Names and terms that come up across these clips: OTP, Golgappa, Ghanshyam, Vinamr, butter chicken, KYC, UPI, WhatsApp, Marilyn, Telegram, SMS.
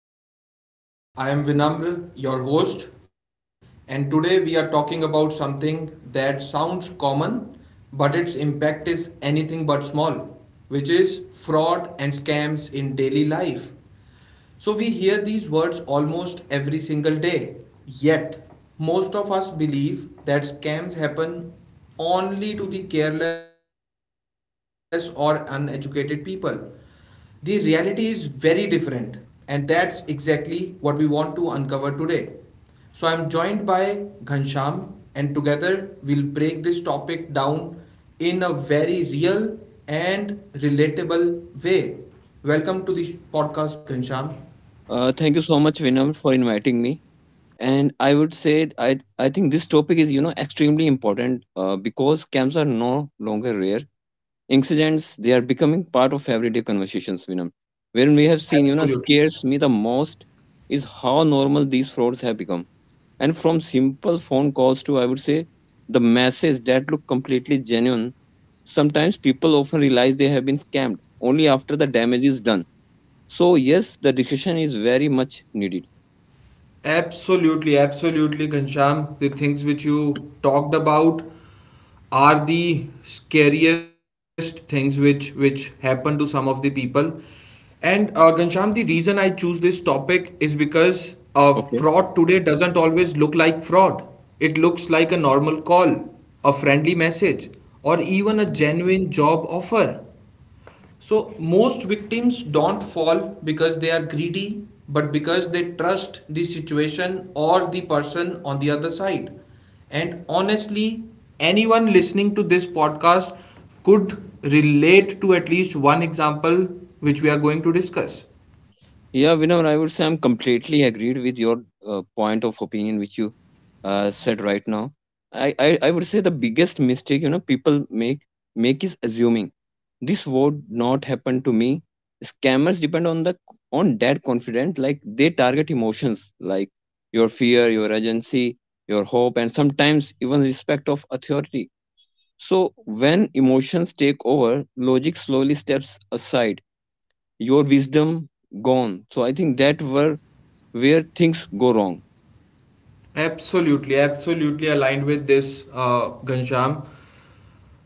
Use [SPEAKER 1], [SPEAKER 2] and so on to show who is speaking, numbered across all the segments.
[SPEAKER 1] and welcome to the podcast. I am Vinamr, your host, and today we are talking about something that sounds common, but its impact is anything but small, which is fraud and scams in daily life. So we hear these words almost every single day. Yet, most of us believe that scams happen only to the careless or uneducated people. The reality is very different, and that's exactly what we want to uncover today. So I'm joined by Ghansham, and together we'll break this topic down in a very real and relatable way. Welcome to the podcast, Ghansham.
[SPEAKER 2] Thank you so much, Vinam, for inviting me. And I would say I think this topic is extremely important because scams are no longer rare incidents. They are becoming part of everyday conversations, Vinam. When we have seen
[SPEAKER 1] Absolutely.
[SPEAKER 2] scares me the most is how normal these frauds have become. And from simple phone calls to I would say the messages that look completely genuine sometimes people often realize they have been scammed only after the damage is done. So, yes, the discussion is very much needed.
[SPEAKER 1] Absolutely, absolutely, Ghanshyam. The things which you talked about are the scariest things which happen to some of the people. And Ghanshyam, the reason I choose this topic is because fraud
[SPEAKER 2] Okay.
[SPEAKER 1] today doesn't always look like fraud. It looks like a normal call, a friendly message, or even a genuine job offer. So most victims don't fall because they are greedy, but because they trust the situation or the person on the other side. And honestly, anyone listening to this podcast could relate to at least one example which we are going to discuss.
[SPEAKER 2] Yeah, Vinod, I would say I'm completely agreed with your point of opinion, which you said right now. I, I,
[SPEAKER 1] Mm-hmm.
[SPEAKER 2] I would say the biggest mistake, people make is assuming this would not happen to me. Scammers depend on the on that confidence, like they target emotions like your fear, your urgency, your hope, and sometimes even respect of authority. So when emotions take over, logic slowly steps aside, your wisdom gone. So I think that were where things go wrong.
[SPEAKER 1] Absolutely, absolutely aligned with this, Ghanshyam.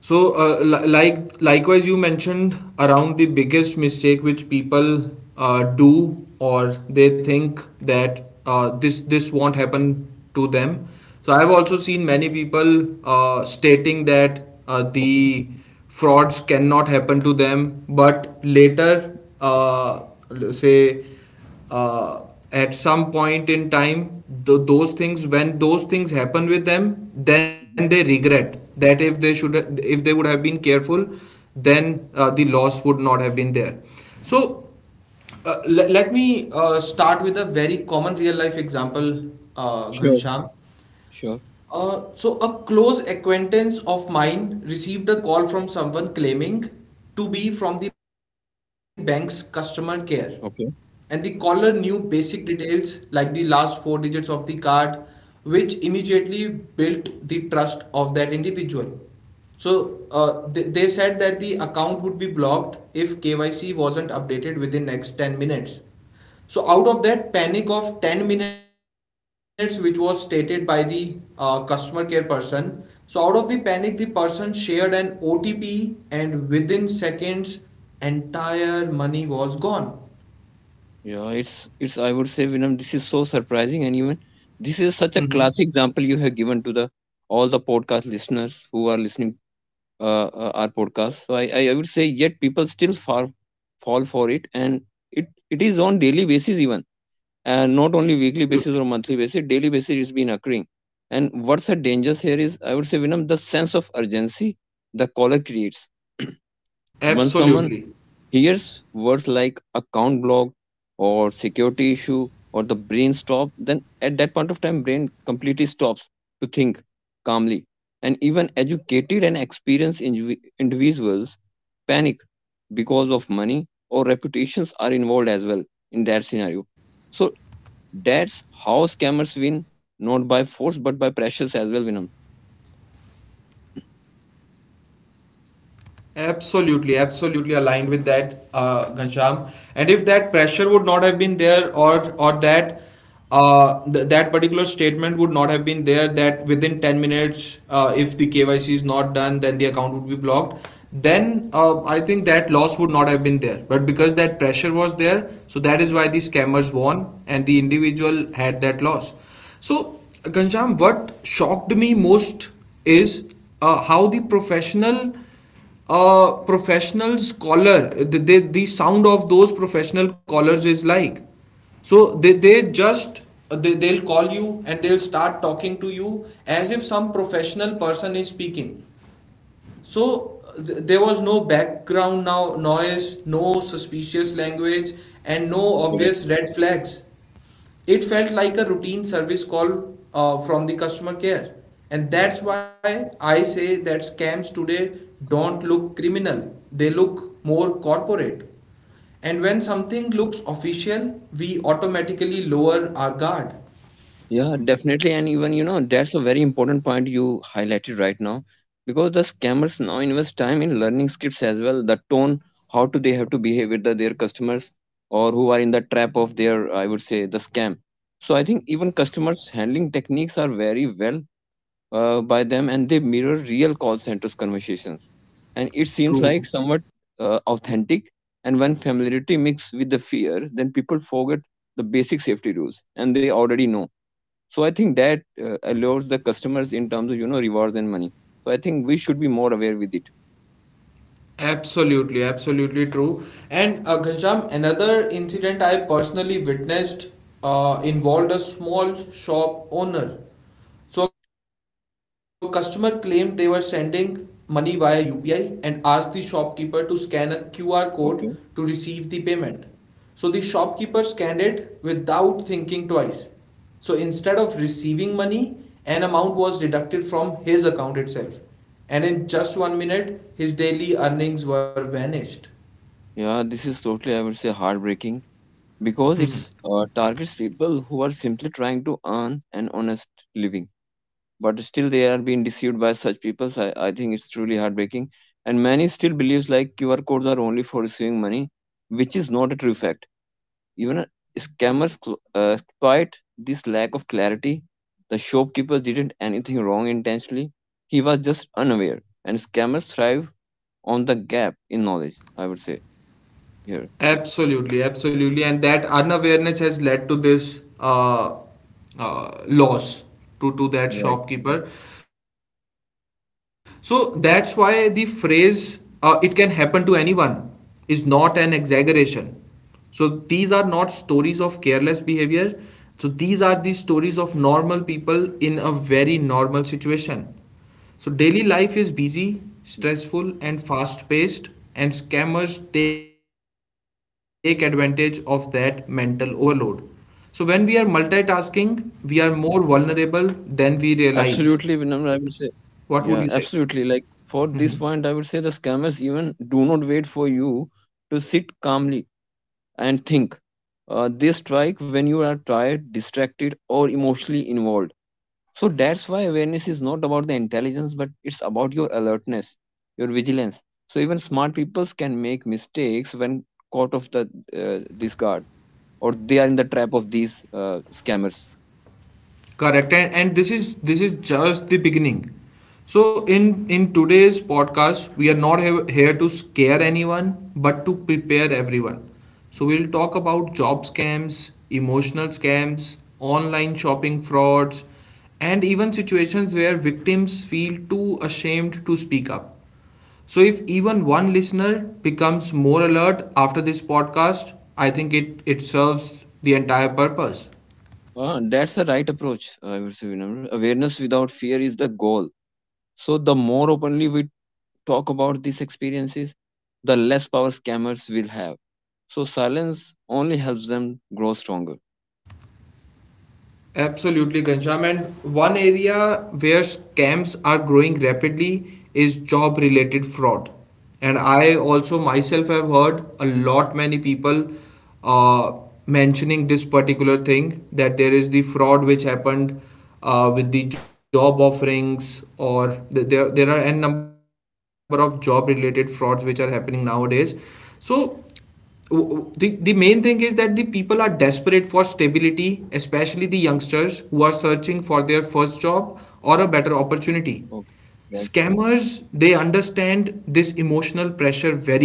[SPEAKER 1] So, likewise, you mentioned around the biggest mistake which people do, or they think that this won't happen to them. So, I've also seen many people stating that
[SPEAKER 2] Okay.
[SPEAKER 1] the frauds cannot happen to them, but later, l- say uh, at some point in time those things, when those things happen with them, then they regret that if they should, if they would have been careful, then the loss would not have been there. So let me start with a very common real life example,
[SPEAKER 2] Sure.
[SPEAKER 1] Ghansham.
[SPEAKER 2] Sure.
[SPEAKER 1] So, a close acquaintance of mine received a call from someone claiming to be from the bank's customer care. And the
[SPEAKER 2] Okay.
[SPEAKER 1] caller knew basic details like the last four digits of the card, which immediately built the trust of that individual. So, they said that the account would be blocked if KYC wasn't updated within next 10 minutes. So out of that panic of 10 minutes which was stated by the customer care person, so out of the panic the person shared an OTP, and within seconds entire money was gone.
[SPEAKER 2] Yeah, it's I would say, Vinam, this is so surprising and even this is such a
[SPEAKER 1] Mm-hmm.
[SPEAKER 2] classic example you have given to the all the podcast listeners who are listening our podcast. So I would say yet people still far fall for it, and it is on daily basis even. And not only weekly basis
[SPEAKER 1] Absolutely.
[SPEAKER 2] or monthly basis, daily basis it's been occurring. And what's the dangers here is, I would say, Vinam, the sense of urgency the caller creates when someone
[SPEAKER 1] Absolutely.
[SPEAKER 2] hears words like account block or security issue, or the brain stop then at that point of time brain completely stops to think calmly. And even educated and experienced individuals panic because of money or reputations are involved as well in that scenario. So that's how scammers win, not by force but by pressures as well, Vinam.
[SPEAKER 1] Absolutely, absolutely aligned with that, Ghanshyam. And if that pressure would not have been there, or that particular statement would not have been there, that within 10 minutes, if the KYC is not done, then the account would be blocked. Then I think that loss would not have been there. But because that pressure was there, so that is why the scammers won and the individual had that loss. So, Ghanshyam, what shocked me most is how the professional scholar, the sound of those professional callers is like, so they'll call you and they'll start talking to you as if some professional person is speaking. So there was no background now noise, no suspicious language, and no
[SPEAKER 2] Correct.
[SPEAKER 1] obvious red flags. It felt like a routine service call from the customer care. And that's
[SPEAKER 2] Mhm.
[SPEAKER 1] why I say that scams today don't look criminal, they look more corporate. And when something looks official, we automatically lower our guard.
[SPEAKER 2] Yeah, definitely. And even, you know, that's a very important point you highlighted right now because the scammers now invest time in learning scripts as well. The tone, how do they have to behave with their customers or who are in the trap of their, I would say, the scam. So I think even customers handling techniques are very well by them, and they mirror real call centers conversations. And it seems like
[SPEAKER 1] True.
[SPEAKER 2] somewhat authentic. And when familiarity mixes with the fear, then people forget the basic safety rules and they already know. So I think that allures the customers in terms of rewards and money. So I think we should be more aware with it.
[SPEAKER 1] Absolutely, absolutely true. And Ghanshyam, another incident I personally witnessed involved a small shop owner. So a customer claimed they were sending money via UPI and asked the shopkeeper to scan a QR code to receive
[SPEAKER 2] Okay.
[SPEAKER 1] the payment. So the shopkeeper scanned it without thinking twice. So instead of receiving money, an amount was deducted from his account itself. And in just 1 minute, his daily earnings were vanished.
[SPEAKER 2] Yeah, this is totally, I would say, heartbreaking because it's targets people who are simply trying to earn an honest living, but still they are being deceived by such people. So I think it's truly heartbreaking. And many still believes like QR codes are only for receiving money, which is not a true fact. Even scammers exploit this lack of clarity. The shopkeeper didn't anything wrong intentionally. He was just unaware. And scammers thrive on the gap in knowledge, I would say here.
[SPEAKER 1] Absolutely, absolutely, and that unawareness has led to this loss to that
[SPEAKER 2] Right.
[SPEAKER 1] shopkeeper. So that's why the phrase "it can happen to anyone" is not an exaggeration. So these are not stories of careless behavior. So these are the stories of normal people in a very normal situation. So daily life is busy, stressful, and fast paced, and scammers take advantage of that mental overload. So when we are
[SPEAKER 2] Yeah.
[SPEAKER 1] multitasking, we are more vulnerable than we realize.
[SPEAKER 2] Absolutely,
[SPEAKER 1] What would
[SPEAKER 2] Vinamra, I
[SPEAKER 1] you
[SPEAKER 2] would
[SPEAKER 1] say?
[SPEAKER 2] say. Yeah, absolutely. Like for this point, I would say the scammers even do not wait for you to sit calmly and think. They strike when you are tired, distracted, or emotionally involved. So that's why awareness is not about the intelligence, but it's about your alertness, your vigilance. So even smart people can make mistakes when caught off the this guard, or they are in the trap of these scammers.
[SPEAKER 1] Correct. And this is, this is just the beginning. So in today's podcast we are not here to scare anyone, but to prepare everyone. So we'll talk about job scams, emotional scams, online shopping frauds, and even situations where victims feel too ashamed to speak up. So if even one listener becomes more alert after this podcast, I think it serves the entire purpose.
[SPEAKER 2] Ah, that's the right approach, I would say, Vinamra. Awareness without fear is the goal. So the more openly we talk about these experiences, the less power scammers will have. So silence only helps them grow stronger.
[SPEAKER 1] Absolutely, Ghanshyam. And one area where scams are growing rapidly is job related fraud. And I also myself have heard a lot many people uh, mentioning this particular thing, that there is the fraud which happened with the job offerings, or there are n number of job related frauds which are happening nowadays. So the main thing is that the people are desperate for stability, especially the youngsters who are searching for their first job or a better opportunity.
[SPEAKER 2] Okay.
[SPEAKER 1] Scammers, they understand this emotional pressure very well.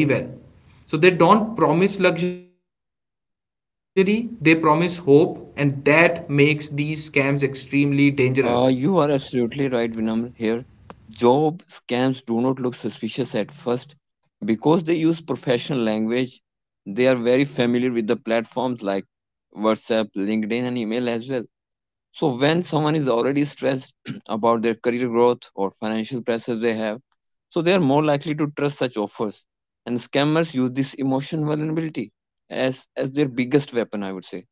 [SPEAKER 1] So they don't promise luxury, they promise hope, and that makes these scams extremely dangerous.
[SPEAKER 2] You are absolutely right, Vinamr. Here, job scams do not look suspicious at first because they use professional language. They are very familiar with the platforms like WhatsApp, LinkedIn, and email as well. So, when someone is already stressed about their career growth or financial pressures they have, so they are more likely to trust such offers. And scammers use this emotion vulnerability as their biggest weapon, I would say.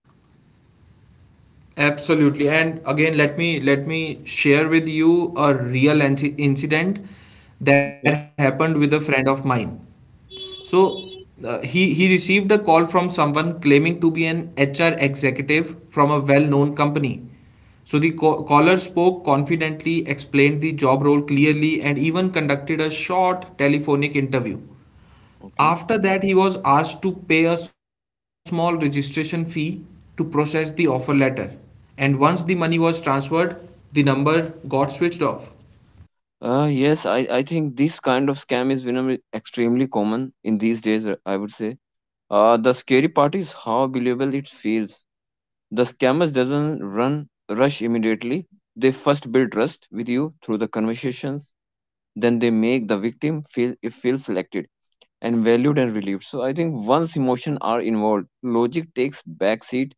[SPEAKER 1] Absolutely. And again, let me share with you a real incident that
[SPEAKER 2] Okay.
[SPEAKER 1] happened with a friend of mine. So he received a call from someone claiming to be an HR executive from a well-known company. So the caller spoke confidently, explained the job role clearly, and even conducted a short telephonic interview.
[SPEAKER 2] Okay.
[SPEAKER 1] After that, he was asked to pay a small registration fee to process the offer letter. And once the money was transferred, the number got switched off.
[SPEAKER 2] Yes, I think this kind of scam is venom extremely common in these days, I would say. The scary part is how believable it feels. The scammers doesn't run rush immediately. They first build trust with you through the conversations, then they make the victim feel it feels selected and valued and relieved. So I think once emotion are involved, logic takes backseat,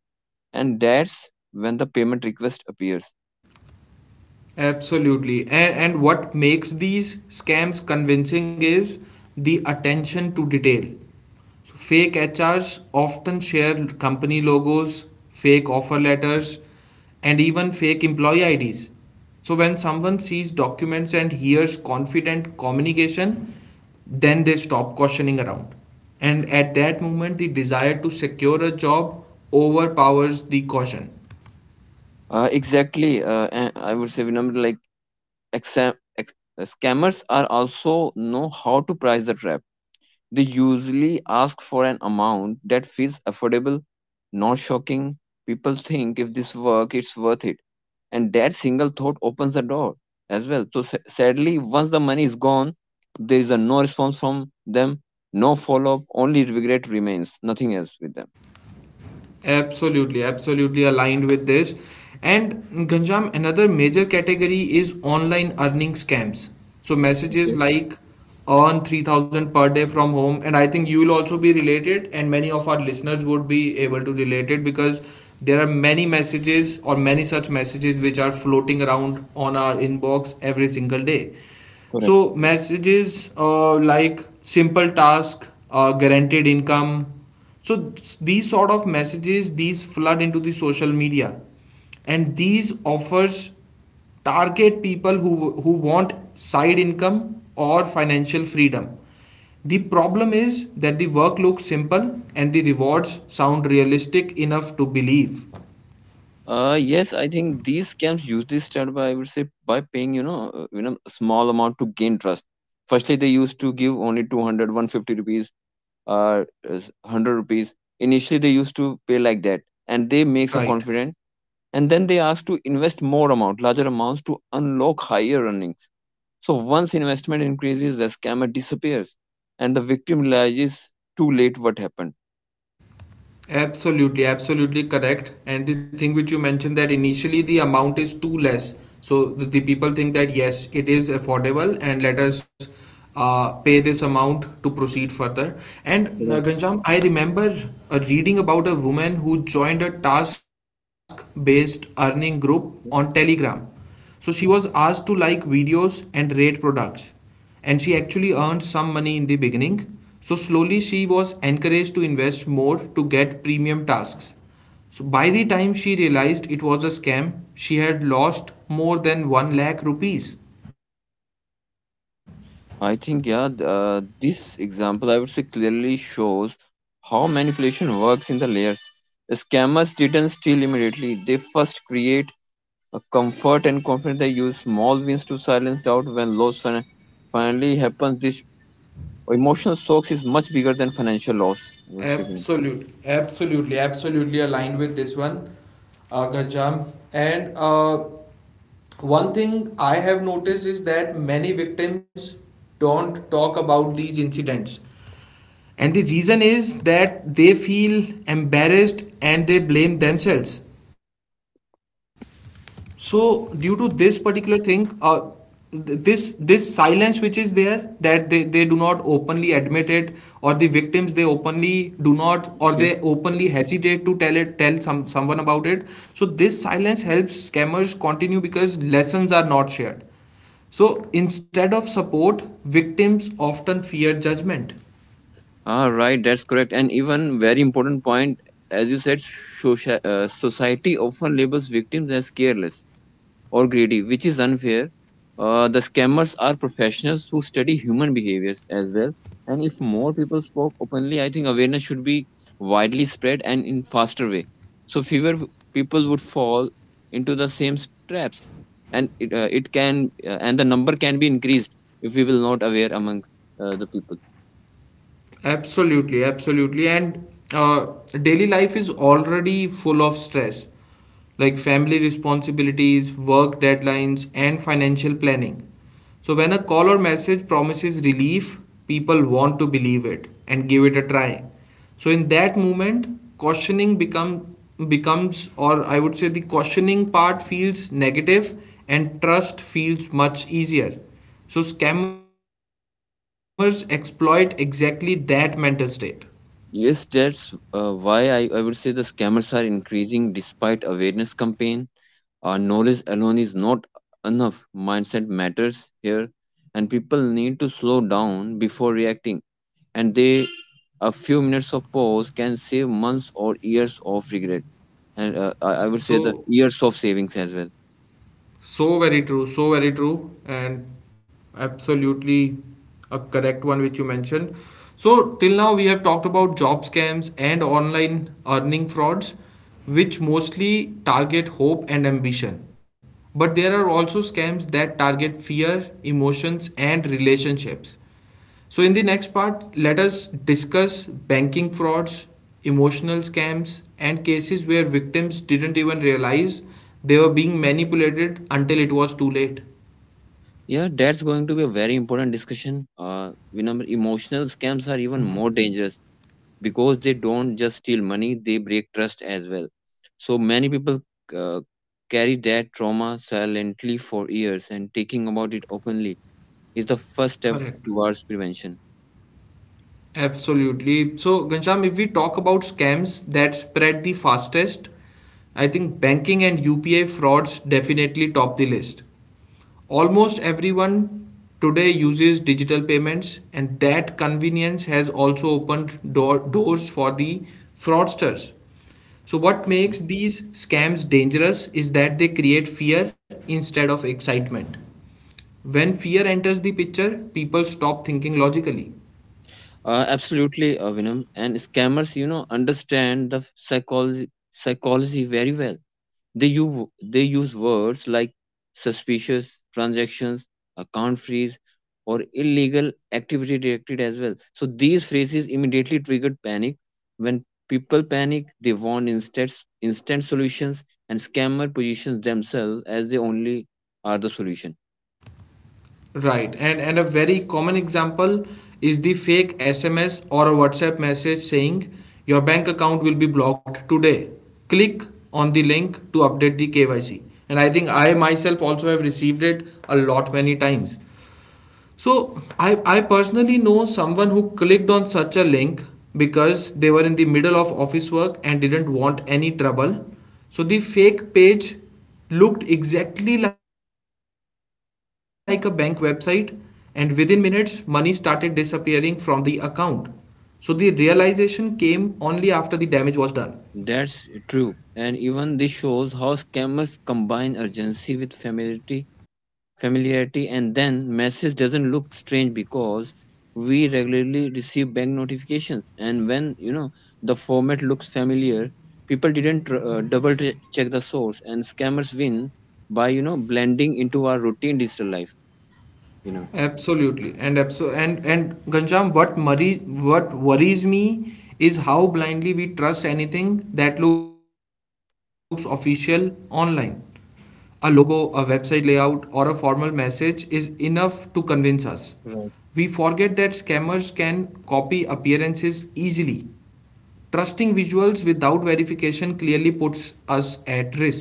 [SPEAKER 2] and that's when the payment request appears.
[SPEAKER 1] Absolutely. And what makes these scams convincing is the attention to detail. So fake HRs often share company logos, fake offer letters, and even fake employee IDs. So when someone sees documents and hears confident communication, then they stop questioning around. And at that moment, the desire to secure a job overpowers the caution.
[SPEAKER 2] Exactly. And I would say, Vinamr, like Exam- ex- scammers are also know how to price the trap. They usually ask for an amount that feels affordable, not shocking. People think if this work, it's worth it, and that single thought opens the door as well. So sadly, once the money is gone, there is a no response from them, no follow up, only regret remains, nothing else with them.
[SPEAKER 1] Absolutely, absolutely aligned with this. And Ganjam, another major category is online earning scams. So messages
[SPEAKER 2] Okay.
[SPEAKER 1] like earn 3,000 per day from home, and I think you'll also be related, and many of our listeners would be able to relate it, because there are many messages or many such messages which are floating around on our inbox every single day.
[SPEAKER 2] Correct.
[SPEAKER 1] So messages like simple task, guaranteed income, so these sort of messages, these flood into the social media, and these offers target people who want side income or financial freedom. The problem is that the work looks simple and the rewards sound realistic enough to believe.
[SPEAKER 2] Yes, I think these scams usually start by, I would say, by paying a small amount to gain trust. Firstly, they used to give only 200 150 rupees, uh, 100 rupees. Initially, they used to pay like that, and they makes a
[SPEAKER 1] Right.
[SPEAKER 2] confident, and then they ask to invest more amount, larger amounts to unlock higher earnings. So once investment increases, the scammer disappears, and the victim realizes too late what happened.
[SPEAKER 1] Absolutely, absolutely correct. And the thing which you mentioned, that initially the amount is too less. So the people think that yes, it is affordable, and let us pay this amount to proceed further. And
[SPEAKER 2] Correct.
[SPEAKER 1] Ghanshyam, I remember reading about a woman who joined a task based earning group on Telegram. So she was asked to like videos and rate products, and she actually earned some money in the beginning. So slowly she was encouraged to invest more to get premium tasks. So by the time she realized it was a scam, she had lost more than 1 lakh rupees.
[SPEAKER 2] I think, yeah, this example, I would say, clearly shows how manipulation works in the layers. Scammers didn't steal immediately, they first create a comfort and confidence. They use small wins to silence doubt when loss finally happens. This emotional shock is much bigger than financial loss, I would say, Vinay.
[SPEAKER 1] Absolutely, absolutely aligned with this one, Gajam. And one thing I have noticed is that many victims don't talk about these incidents. And the reason is that they feel embarrassed and they blame themselves. So due to this particular thing, uh, th- this this silence which is there, that they do not openly admit it, or the victims they openly do not, or they
[SPEAKER 2] Okay.
[SPEAKER 1] openly hesitate to tell it, tell someone about it. So this silence helps scammers continue, because lessons are not shared. So instead of support, victims often fear judgment.
[SPEAKER 2] Ah, right, that's correct. And even very important point, as you said, society often labels victims as careless or greedy, which is unfair. The scammers are professionals who study human behaviors as well. And if more people spoke openly, I think awareness should be widely spread and in faster way. So people would fall into the same traps, and it, it can and the number can be increased if we will not aware among the people.
[SPEAKER 1] Absolutely, absolutely. And uh, daily life is already full of stress, like family responsibilities, work deadlines, and financial planning. So, when a call or message promises relief, people want to believe it and give it a try. So, in that moment, cautioning become, becomes, or I would say the cautioning part feels negative and trust feels much easier. So, scammers exploit exactly that mental state.
[SPEAKER 2] Yes, that's why I would say the scammers are increasing despite awareness campaign. Knowledge alone is not enough. Mindset matters here, and people need to slow down before reacting. And they, a few minutes of pause can save months or years of regret. And I would say the
[SPEAKER 1] So,
[SPEAKER 2] years of savings as well.
[SPEAKER 1] so very true, and absolutely a correct one which you mentioned. So, till now we have talked about job scams and online earning frauds, which mostly target hope and ambition. But there are also scams that target fear, emotions, and relationships. So, in the next part, let us discuss banking frauds, emotional scams, and cases where victims didn't even realize they were being manipulated until it was too late.
[SPEAKER 2] Yeah, that's going to be a very important discussion. We number Emotional scams are even more dangerous because they don't just steal money, they break trust as well. So many people uh, carry that trauma silently for years, and taking about it openly is the first step
[SPEAKER 1] Correct.
[SPEAKER 2] towards prevention.
[SPEAKER 1] Absolutely. So, Gansham, if we talk about scams that spread the fastest, I think banking and UPI frauds definitely top the list. Almost everyone today uses digital payments, and that convenience has also opened doors for the fraudsters. So, what makes these scams dangerous is that they create fear instead of excitement. When fear enters the picture, people stop thinking logically.
[SPEAKER 2] Absolutely, Vinam. And scammers, you know, understand the psychology very well. They use, they use words like suspicious transactions, account freeze, or illegal activity directed as well. So these phrases immediately triggered panic. When people panic, they want instant solutions, and scammer positions themselves as they only are the solution.
[SPEAKER 1] Right, and a very common example is the fake SMS or a WhatsApp message saying your bank account will be blocked today. Click on the link to update the KYC. And I think I myself also have received it a lot many times. So I personally know someone who clicked on such a link because they were in the middle of office work and didn't want any trouble. So the fake page looked exactly like a bank website, and within minutes money started disappearing from the account. So the realization came only after the damage was done.
[SPEAKER 2] That's true. And even this shows how scammers combine urgency with familiarity. And then message doesn't look strange because we regularly receive bank notifications, and when you know the format looks familiar, people didn't check the source, and scammers win by, you know, blending into our routine digital life, you know.
[SPEAKER 1] Absolutely, and abso- and Ganjam, what worries me is how blindly we trust anything that looks official online. A logo, a website layout, or a formal message is enough to convince us. We
[SPEAKER 2] Right.
[SPEAKER 1] forget that scammers can copy appearances easily. Trusting visuals without verification clearly puts us at risk.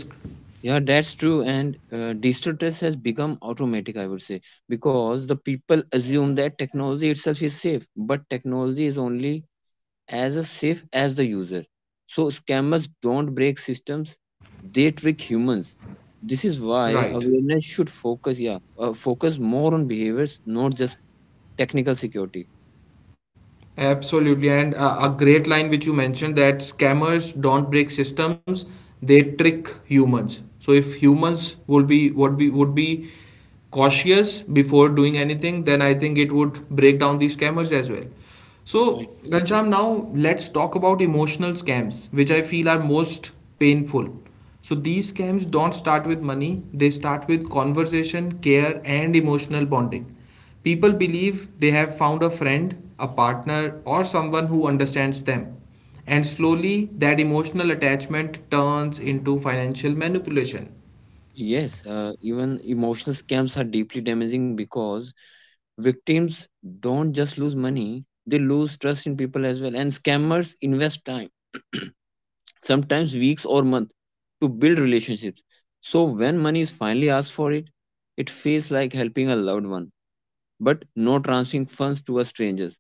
[SPEAKER 2] Yeah, that's true. And digital trust has become automatic, I would say, because the people assume that technology itself is safe, but technology is only as a safe as the user. So scammers don't break systems; they trick humans. This is why
[SPEAKER 1] Right.
[SPEAKER 2] awareness should focus more on behaviors, not just technical security.
[SPEAKER 1] Absolutely, and a great line which you mentioned, that scammers don't break systems; they trick humans. So if humans would be cautious before doing anything, then I think it would break down these scammers as well. So
[SPEAKER 2] Right.
[SPEAKER 1] Gansham, now let's talk about emotional scams, which I feel are most painful. So these scams don't start with money; they start with conversation, care, and emotional bonding. People believe they have found a friend, a partner, or someone who understands them. And slowly, that emotional attachment turns into financial manipulation.
[SPEAKER 2] Yes, even emotional scams are deeply damaging because victims don't just lose money, they lose trust in people as well. And scammers invest time, sometimes weeks or months, to build relationships. So when money is finally asked for it, it feels like helping a loved one, but not transferring funds to a stranger.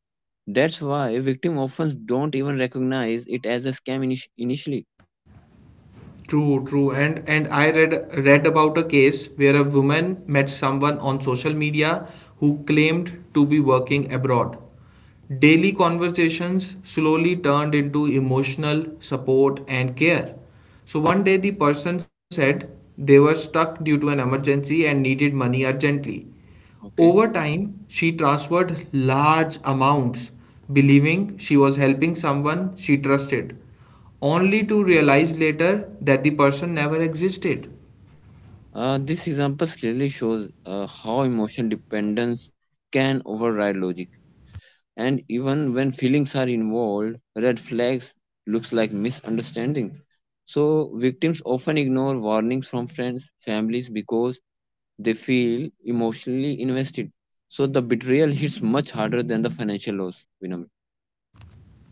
[SPEAKER 2] That's why victim often don't even recognize it as a scam initially.
[SPEAKER 1] True, true. And I read about a case where a woman met someone on social media who claimed to be working abroad. Daily conversations slowly turned into emotional support and care. So one day the person said they were stuck due to an emergency and needed money urgently. Over
[SPEAKER 2] Okay.
[SPEAKER 1] time, she transferred large amounts, believing she was helping someone she trusted, only to realize later that the person never existed.
[SPEAKER 2] This example clearly shows how emotional dependence can override logic. And even when feelings are involved, red flags looks like misunderstandings. So victims often ignore warnings from friends families because they feel emotionally invested. So the betrayal hits much harder than the financial loss, Vinamra.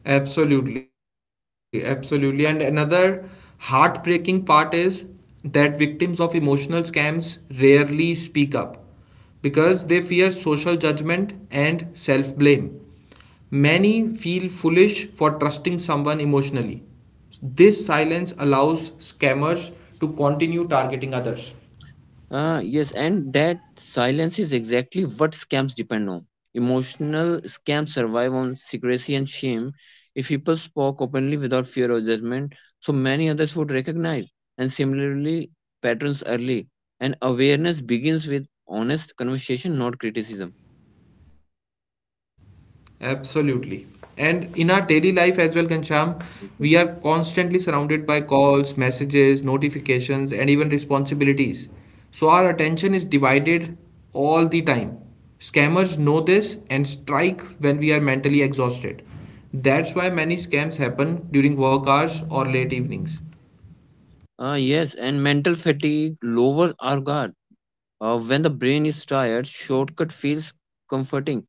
[SPEAKER 1] Absolutely, absolutely. And another heartbreaking part is that victims of emotional scams rarely speak up because they fear social judgment and self blame. Many feel foolish for trusting someone emotionally. This silence allows scammers to continue targeting others.
[SPEAKER 2] Yes, and that silence is exactly what scams depend on. Emotional scams survive on secrecy and shame. If people spoke openly without fear or judgment, so many others would recognize. And similarly, patterns early. And awareness begins with honest conversation, not criticism.
[SPEAKER 1] Absolutely. And in our daily life as well, Kancham, we are constantly
[SPEAKER 2] Mhm.
[SPEAKER 1] surrounded by calls, messages, notifications, and even responsibilities. So our attention is divided all the time. Scammers know this and strike when we are mentally exhausted. That's why many scams happen during work hours or late evenings.
[SPEAKER 2] Yes, and mental fatigue lowers our guard. When the brain is tired, shortcut feels comforting.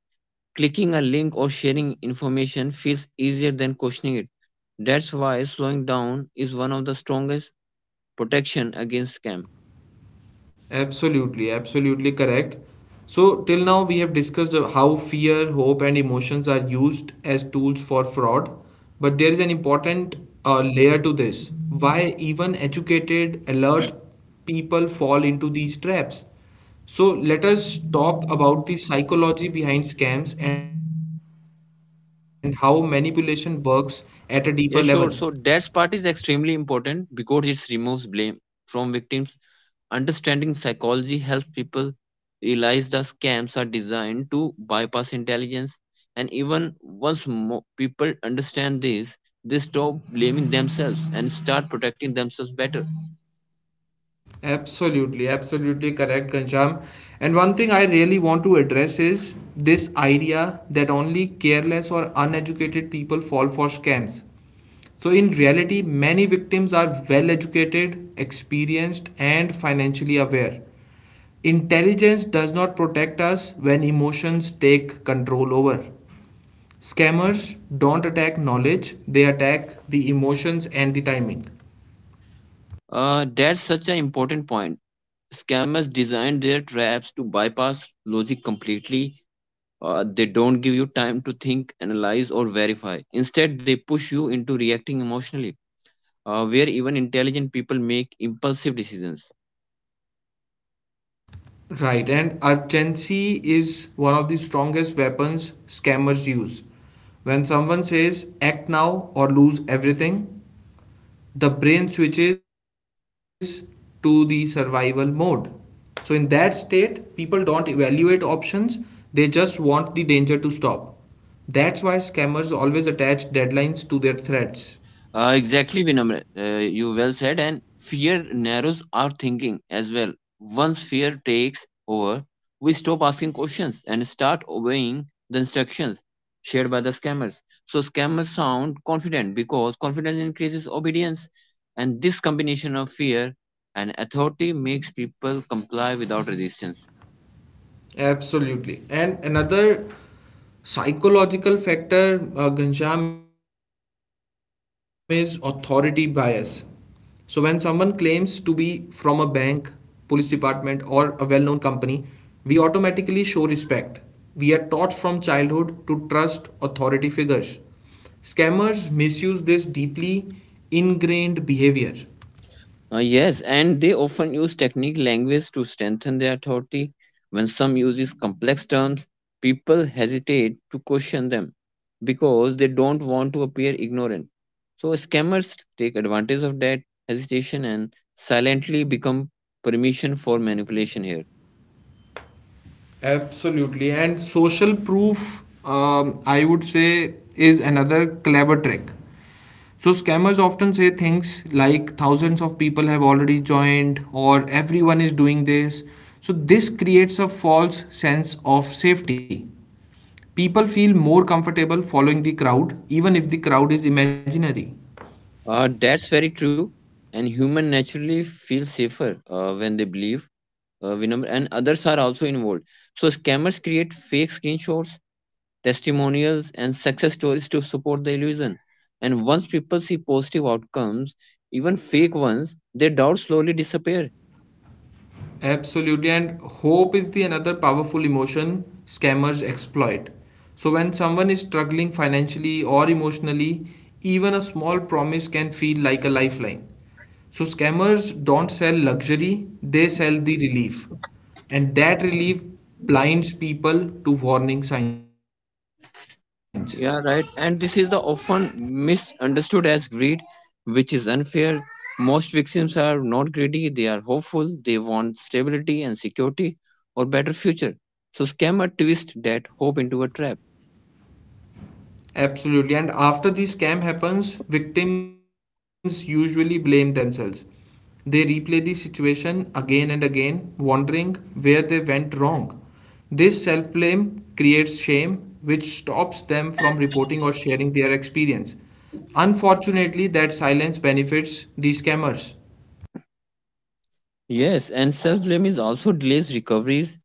[SPEAKER 2] Clicking a link or sharing information feels easier than questioning it. That's why slowing down is one of the strongest protection against scam.
[SPEAKER 1] Absolutely, absolutely correct. So, till now, we have discussed how fear, hope, and emotions are used as tools for fraud. But there is an important layer to this: why even educated, alert people fall into these traps. So, let us talk about the psychology behind scams and how manipulation works at a deeper level.
[SPEAKER 2] Yeah, sure. So that part is extremely important because it removes blame from victims. Understanding psychology helps people realize the scams are designed to bypass intelligence. And even people understand this, they stop blaming themselves and start protecting themselves better.
[SPEAKER 1] Absolutely, absolutely correct, Ganjam. And one thing I really want to address is this idea that only careless or uneducated people fall for scams. So, in reality, many victims are well educated, experienced, and financially aware. Intelligence does not protect us when emotions take control over. Scammers don't attack knowledge, they attack the emotions and the timing.
[SPEAKER 2] That's such an important point. Scammers design their traps to bypass logic completely. They don't give you time to think, analyze, or verify. Instead, they push you into reacting emotionally, where even intelligent people make impulsive decisions.
[SPEAKER 1] Right, and urgency is one of the strongest weapons scammers use. When someone says act now or lose everything, the brain switches to the survival mode. So, in that state, people don't evaluate options, they just want the danger to stop. That's why scammers always attach deadlines to their threats.
[SPEAKER 2] Exactly, Vinamr. You well said, and fear narrows our thinking as well. Once fear takes over, we stop asking questions and start obeying the instructions shared by the scammers. So, scammers sound confident because confidence increases obedience, and this combination of fear and authority makes people comply without resistance.
[SPEAKER 1] Absolutely. And another psychological factor, Ghanshyam, is authority bias. So, when someone claims to be from a bank, police department, or a well known company, we automatically show respect. We are taught from childhood to trust authority figures. Scammers misuse this deeply ingrained behavior.
[SPEAKER 2] Yes, and they often use technique language to strengthen their authority. When some uses complex terms, people hesitate to question them because they don't want to appear ignorant. So scammers take advantage of that hesitation and silently become permission for manipulation here.
[SPEAKER 1] Absolutely. And social proof, I would say, is another clever trick. So scammers often say things like thousands of people have already joined or everyone is doing this. So this creates a false sense of safety. People feel more comfortable following the crowd even if the crowd is imaginary.
[SPEAKER 2] That's very true. And human naturally feel safer when they believe. Vinamr, and others are also involved. So scammers create fake screenshots testimonials, and success stories to support the illusion. And once people see positive outcomes, even fake ones, their doubts slowly disappear.
[SPEAKER 1] Absolutely. And hope is the another powerful emotion scammers exploit. So when someone is struggling financially or emotionally, even a small promise can feel like a lifeline. So scammers don't sell luxury, they sell the relief. And that relief blinds people to warning signs.
[SPEAKER 2] Yeah, right. And this is the often misunderstood as greed, which is unfair. Most victims are not greedy, they are hopeful, they want stability and security or better future. So scammer twist that hope into a trap.
[SPEAKER 1] Absolutely. And after the scam happens, victims usually blame themselves. They replay the situation again and again, wondering where they went wrong. This self blame creates shame, which stops them from reporting or sharing their experience. Unfortunately, that silence benefits the scammers.
[SPEAKER 2] Yes, and self blame is also delays recoveries.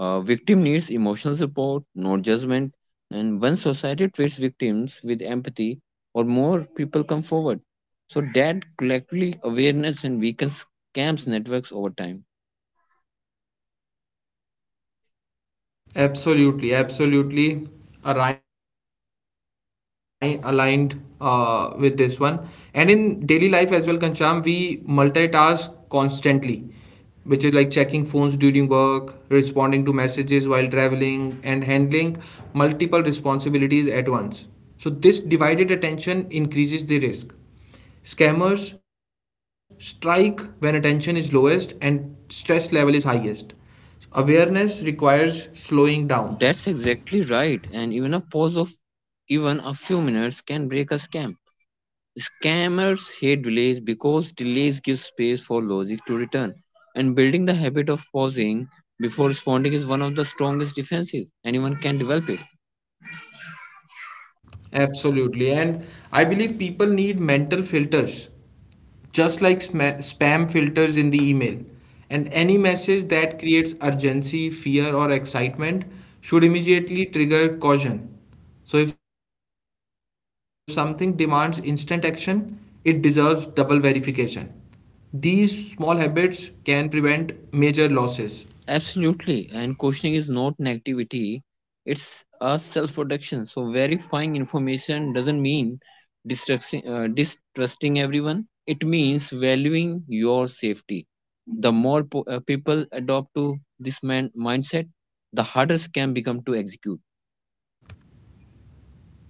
[SPEAKER 2] Victim needs emotional support, not judgment. And when society treats victims with empathy, or more people come forward. So that collectively awareness and weakens scams networks over time.
[SPEAKER 1] Absolutely, absolutely aligned with this one. And in daily life as well, Kancham, we multitask constantly, which is like checking phones during work, responding to messages while traveling, and handling multiple responsibilities at once. So, this divided attention increases the risk. Scammers strike when attention is lowest and stress level is highest. Awareness requires slowing down.
[SPEAKER 2] That's exactly right. And even a pause of even a few minutes can break a scam. Scammers hate delays because delays give space for logic to return, and building the habit of pausing before responding is one of the strongest defenses. Anyone can develop it.
[SPEAKER 1] Absolutely. And I believe people need mental filters, just like spam filters in the email. And any message that creates urgency, fear, or excitement should immediately trigger caution. So, if something demands instant action, it deserves double verification. These small habits can prevent major losses.
[SPEAKER 2] Absolutely, and questioning is not negativity, it's a self protection. So, verifying information doesn't mean distrusting everyone, it means valuing your safety. The more people adopt to this mindset, the harder scam become to execute.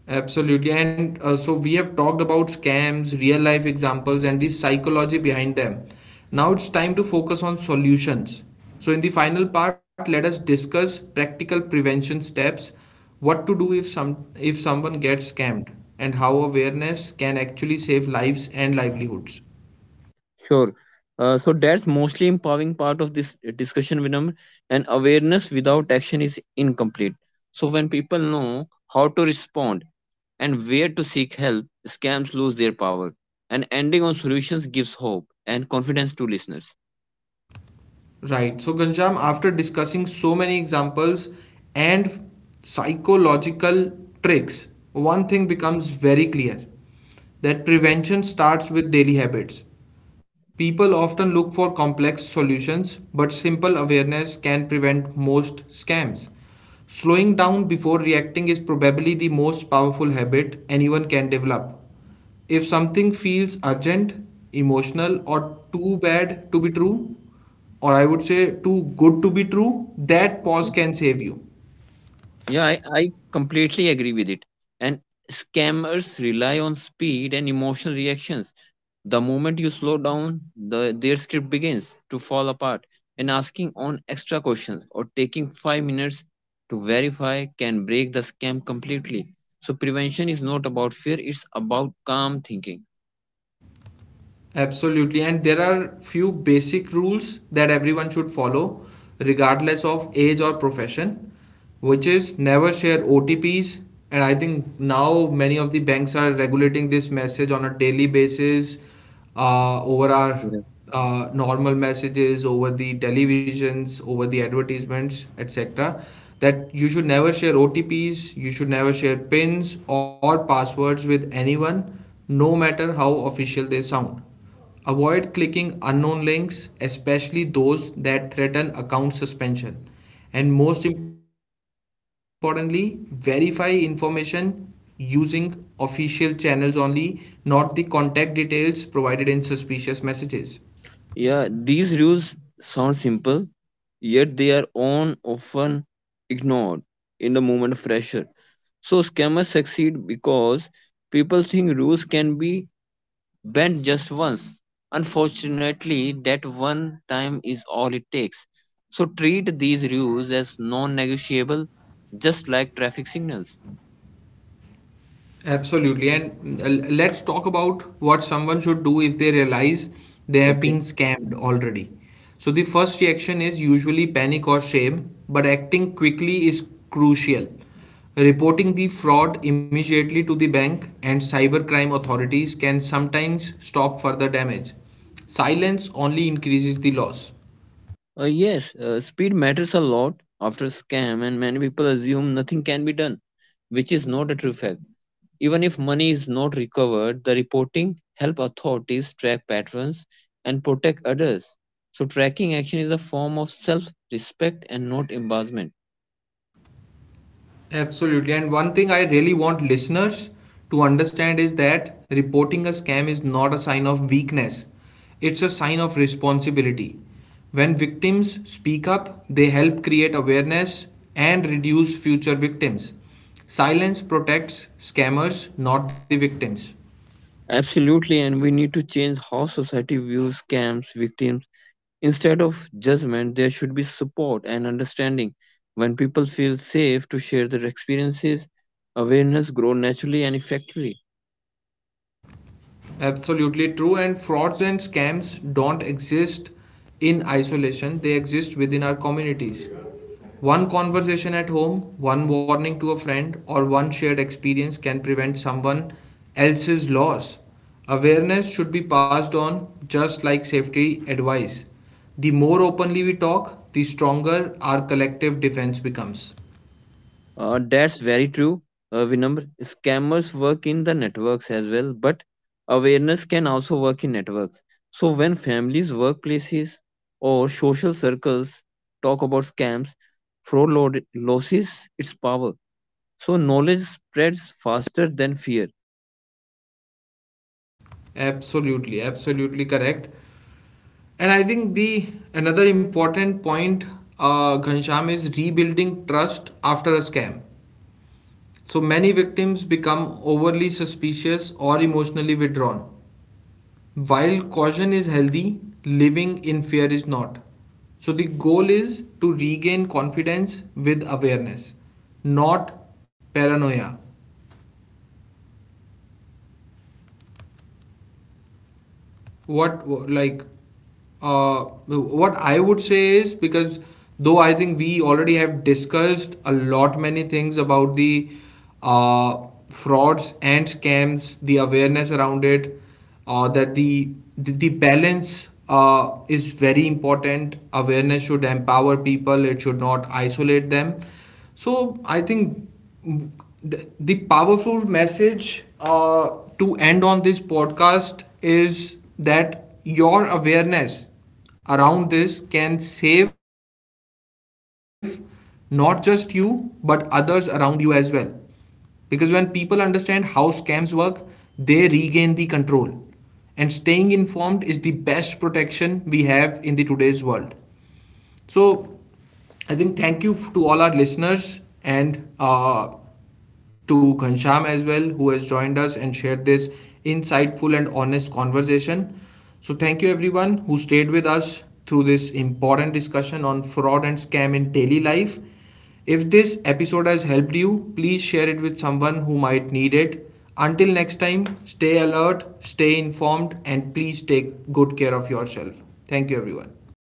[SPEAKER 1] Absolutely. And so we have talked about scams, real life examples, and the psychology behind them. Now it's time to focus on solutions. So, in the final part, let us discuss practical prevention steps, what to do if someone gets scammed, and how awareness can actually save lives and livelihoods.
[SPEAKER 2] Sure. So that's mostly empowering part of this discussion, Vinam. And awareness without action is incomplete. So when people know how to respond and where to seek help, scams lose their power. And ending on solutions gives hope and confidence to listeners.
[SPEAKER 1] Right. So, Ganjam, after discussing so many examples and psychological tricks, one thing becomes very clear, that prevention starts with daily habits. People often look for complex solutions, but simple awareness can prevent most scams. Slowing down before reacting is probably the most powerful habit anyone can develop. If something feels urgent, emotional, or too bad to be true, or I would say too good to be true, that pause
[SPEAKER 2] Okay.
[SPEAKER 1] can save you.
[SPEAKER 2] Yeah, I completely agree with it. And scammers rely on speed and emotional reactions. The moment you slow down, their script begins to fall apart, and asking on extra questions or taking 5 minutes to verify can break the scam completely. So, prevention is not about fear, it's about calm thinking.
[SPEAKER 1] Absolutely. And there are few basic rules that everyone should follow, regardless of age or profession, which is never share OTPs. And I think now many of the banks are regulating this message on a daily basis over our
[SPEAKER 2] Yeah.
[SPEAKER 1] normal messages, over the televisions, over the advertisements, etc. That you should never share OTPs, you should never share PINs or passwords with anyone, no matter how official they sound. Avoid clicking unknown links, especially those that threaten account suspension. And most importantly, verify information using official channels only, not the contact details provided in suspicious messages.
[SPEAKER 2] Yeah, these rules sound simple, yet they are on often ignored in the moment of pressure. So scammers succeed because people think rules can be bend just once. Unfortunately, that one time is all it takes. So treat these rules as non negotiable, just like traffic signals.
[SPEAKER 1] Absolutely. And let's talk about what someone should do if they realize they have
[SPEAKER 2] Okay.
[SPEAKER 1] been scammed already. So, the first reaction is usually panic or shame, but acting quickly is crucial. Reporting the fraud immediately to the bank and cybercrime authorities can sometimes stop further damage. Silence only increases the loss.
[SPEAKER 2] Yes, speed matters a lot after scam, and many people assume nothing can be done, which is not a true fact. Even if money is not recovered, the reporting help authorities track patterns and protect others. So tracking action is a form of self-respect and not embarrassment.
[SPEAKER 1] Absolutely. And one thing I really want listeners to understand is that reporting a scam is not a sign of weakness, it's a sign of responsibility. When victims speak up, they help create awareness and reduce future victims. Silence protects scammers, not the victims.
[SPEAKER 2] Absolutely, and we need to change how society views scams, victims. Instead of judgment, there should be support and understanding. When people feel safe to share their experiences, awareness grows naturally and effectively.
[SPEAKER 1] Absolutely true. And frauds and scams don't exist in isolation, they exist within our communities. One conversation at home, one warning to a friend, or one shared experience can prevent someone else's loss. Awareness should be passed on just like safety advice. The more openly we talk, the stronger our collective defense becomes.
[SPEAKER 2] That's very true. We number scammers work in the networks as well, but awareness can also work in networks. So when families, workplaces, or social circles talk about scams,
[SPEAKER 1] Absolutely, absolutely correct. And I think the another important point, Ghansham, is rebuilding trust after a scam. So many victims become overly suspicious or emotionally withdrawn. While caution is healthy, living in fear is not. So the goal is to regain confidence with awareness, not paranoia. what like uh, what I would say is, because though I think we already have discussed a lot many things about the frauds and scams, the awareness around it, uh, that the the balance is very important. Awareness should empower people; it should not isolate them. So I think the powerful message to end on this podcast is that your awareness around this can save not just you but others around you as well, because when people understand how scams work, they regain the control, and staying informed is the best protection we have in the today's world. So I think thank you to all our listeners, and to Ghansham as well, who has joined us and shared this insightful and honest conversation. So thank you everyone who stayed with us through this important discussion on fraud and scam in daily life. If this episode has helped you, please share it with someone who might need it. Until next time, stay alert, stay informed, and please take good care of yourself. Thank you, everyone.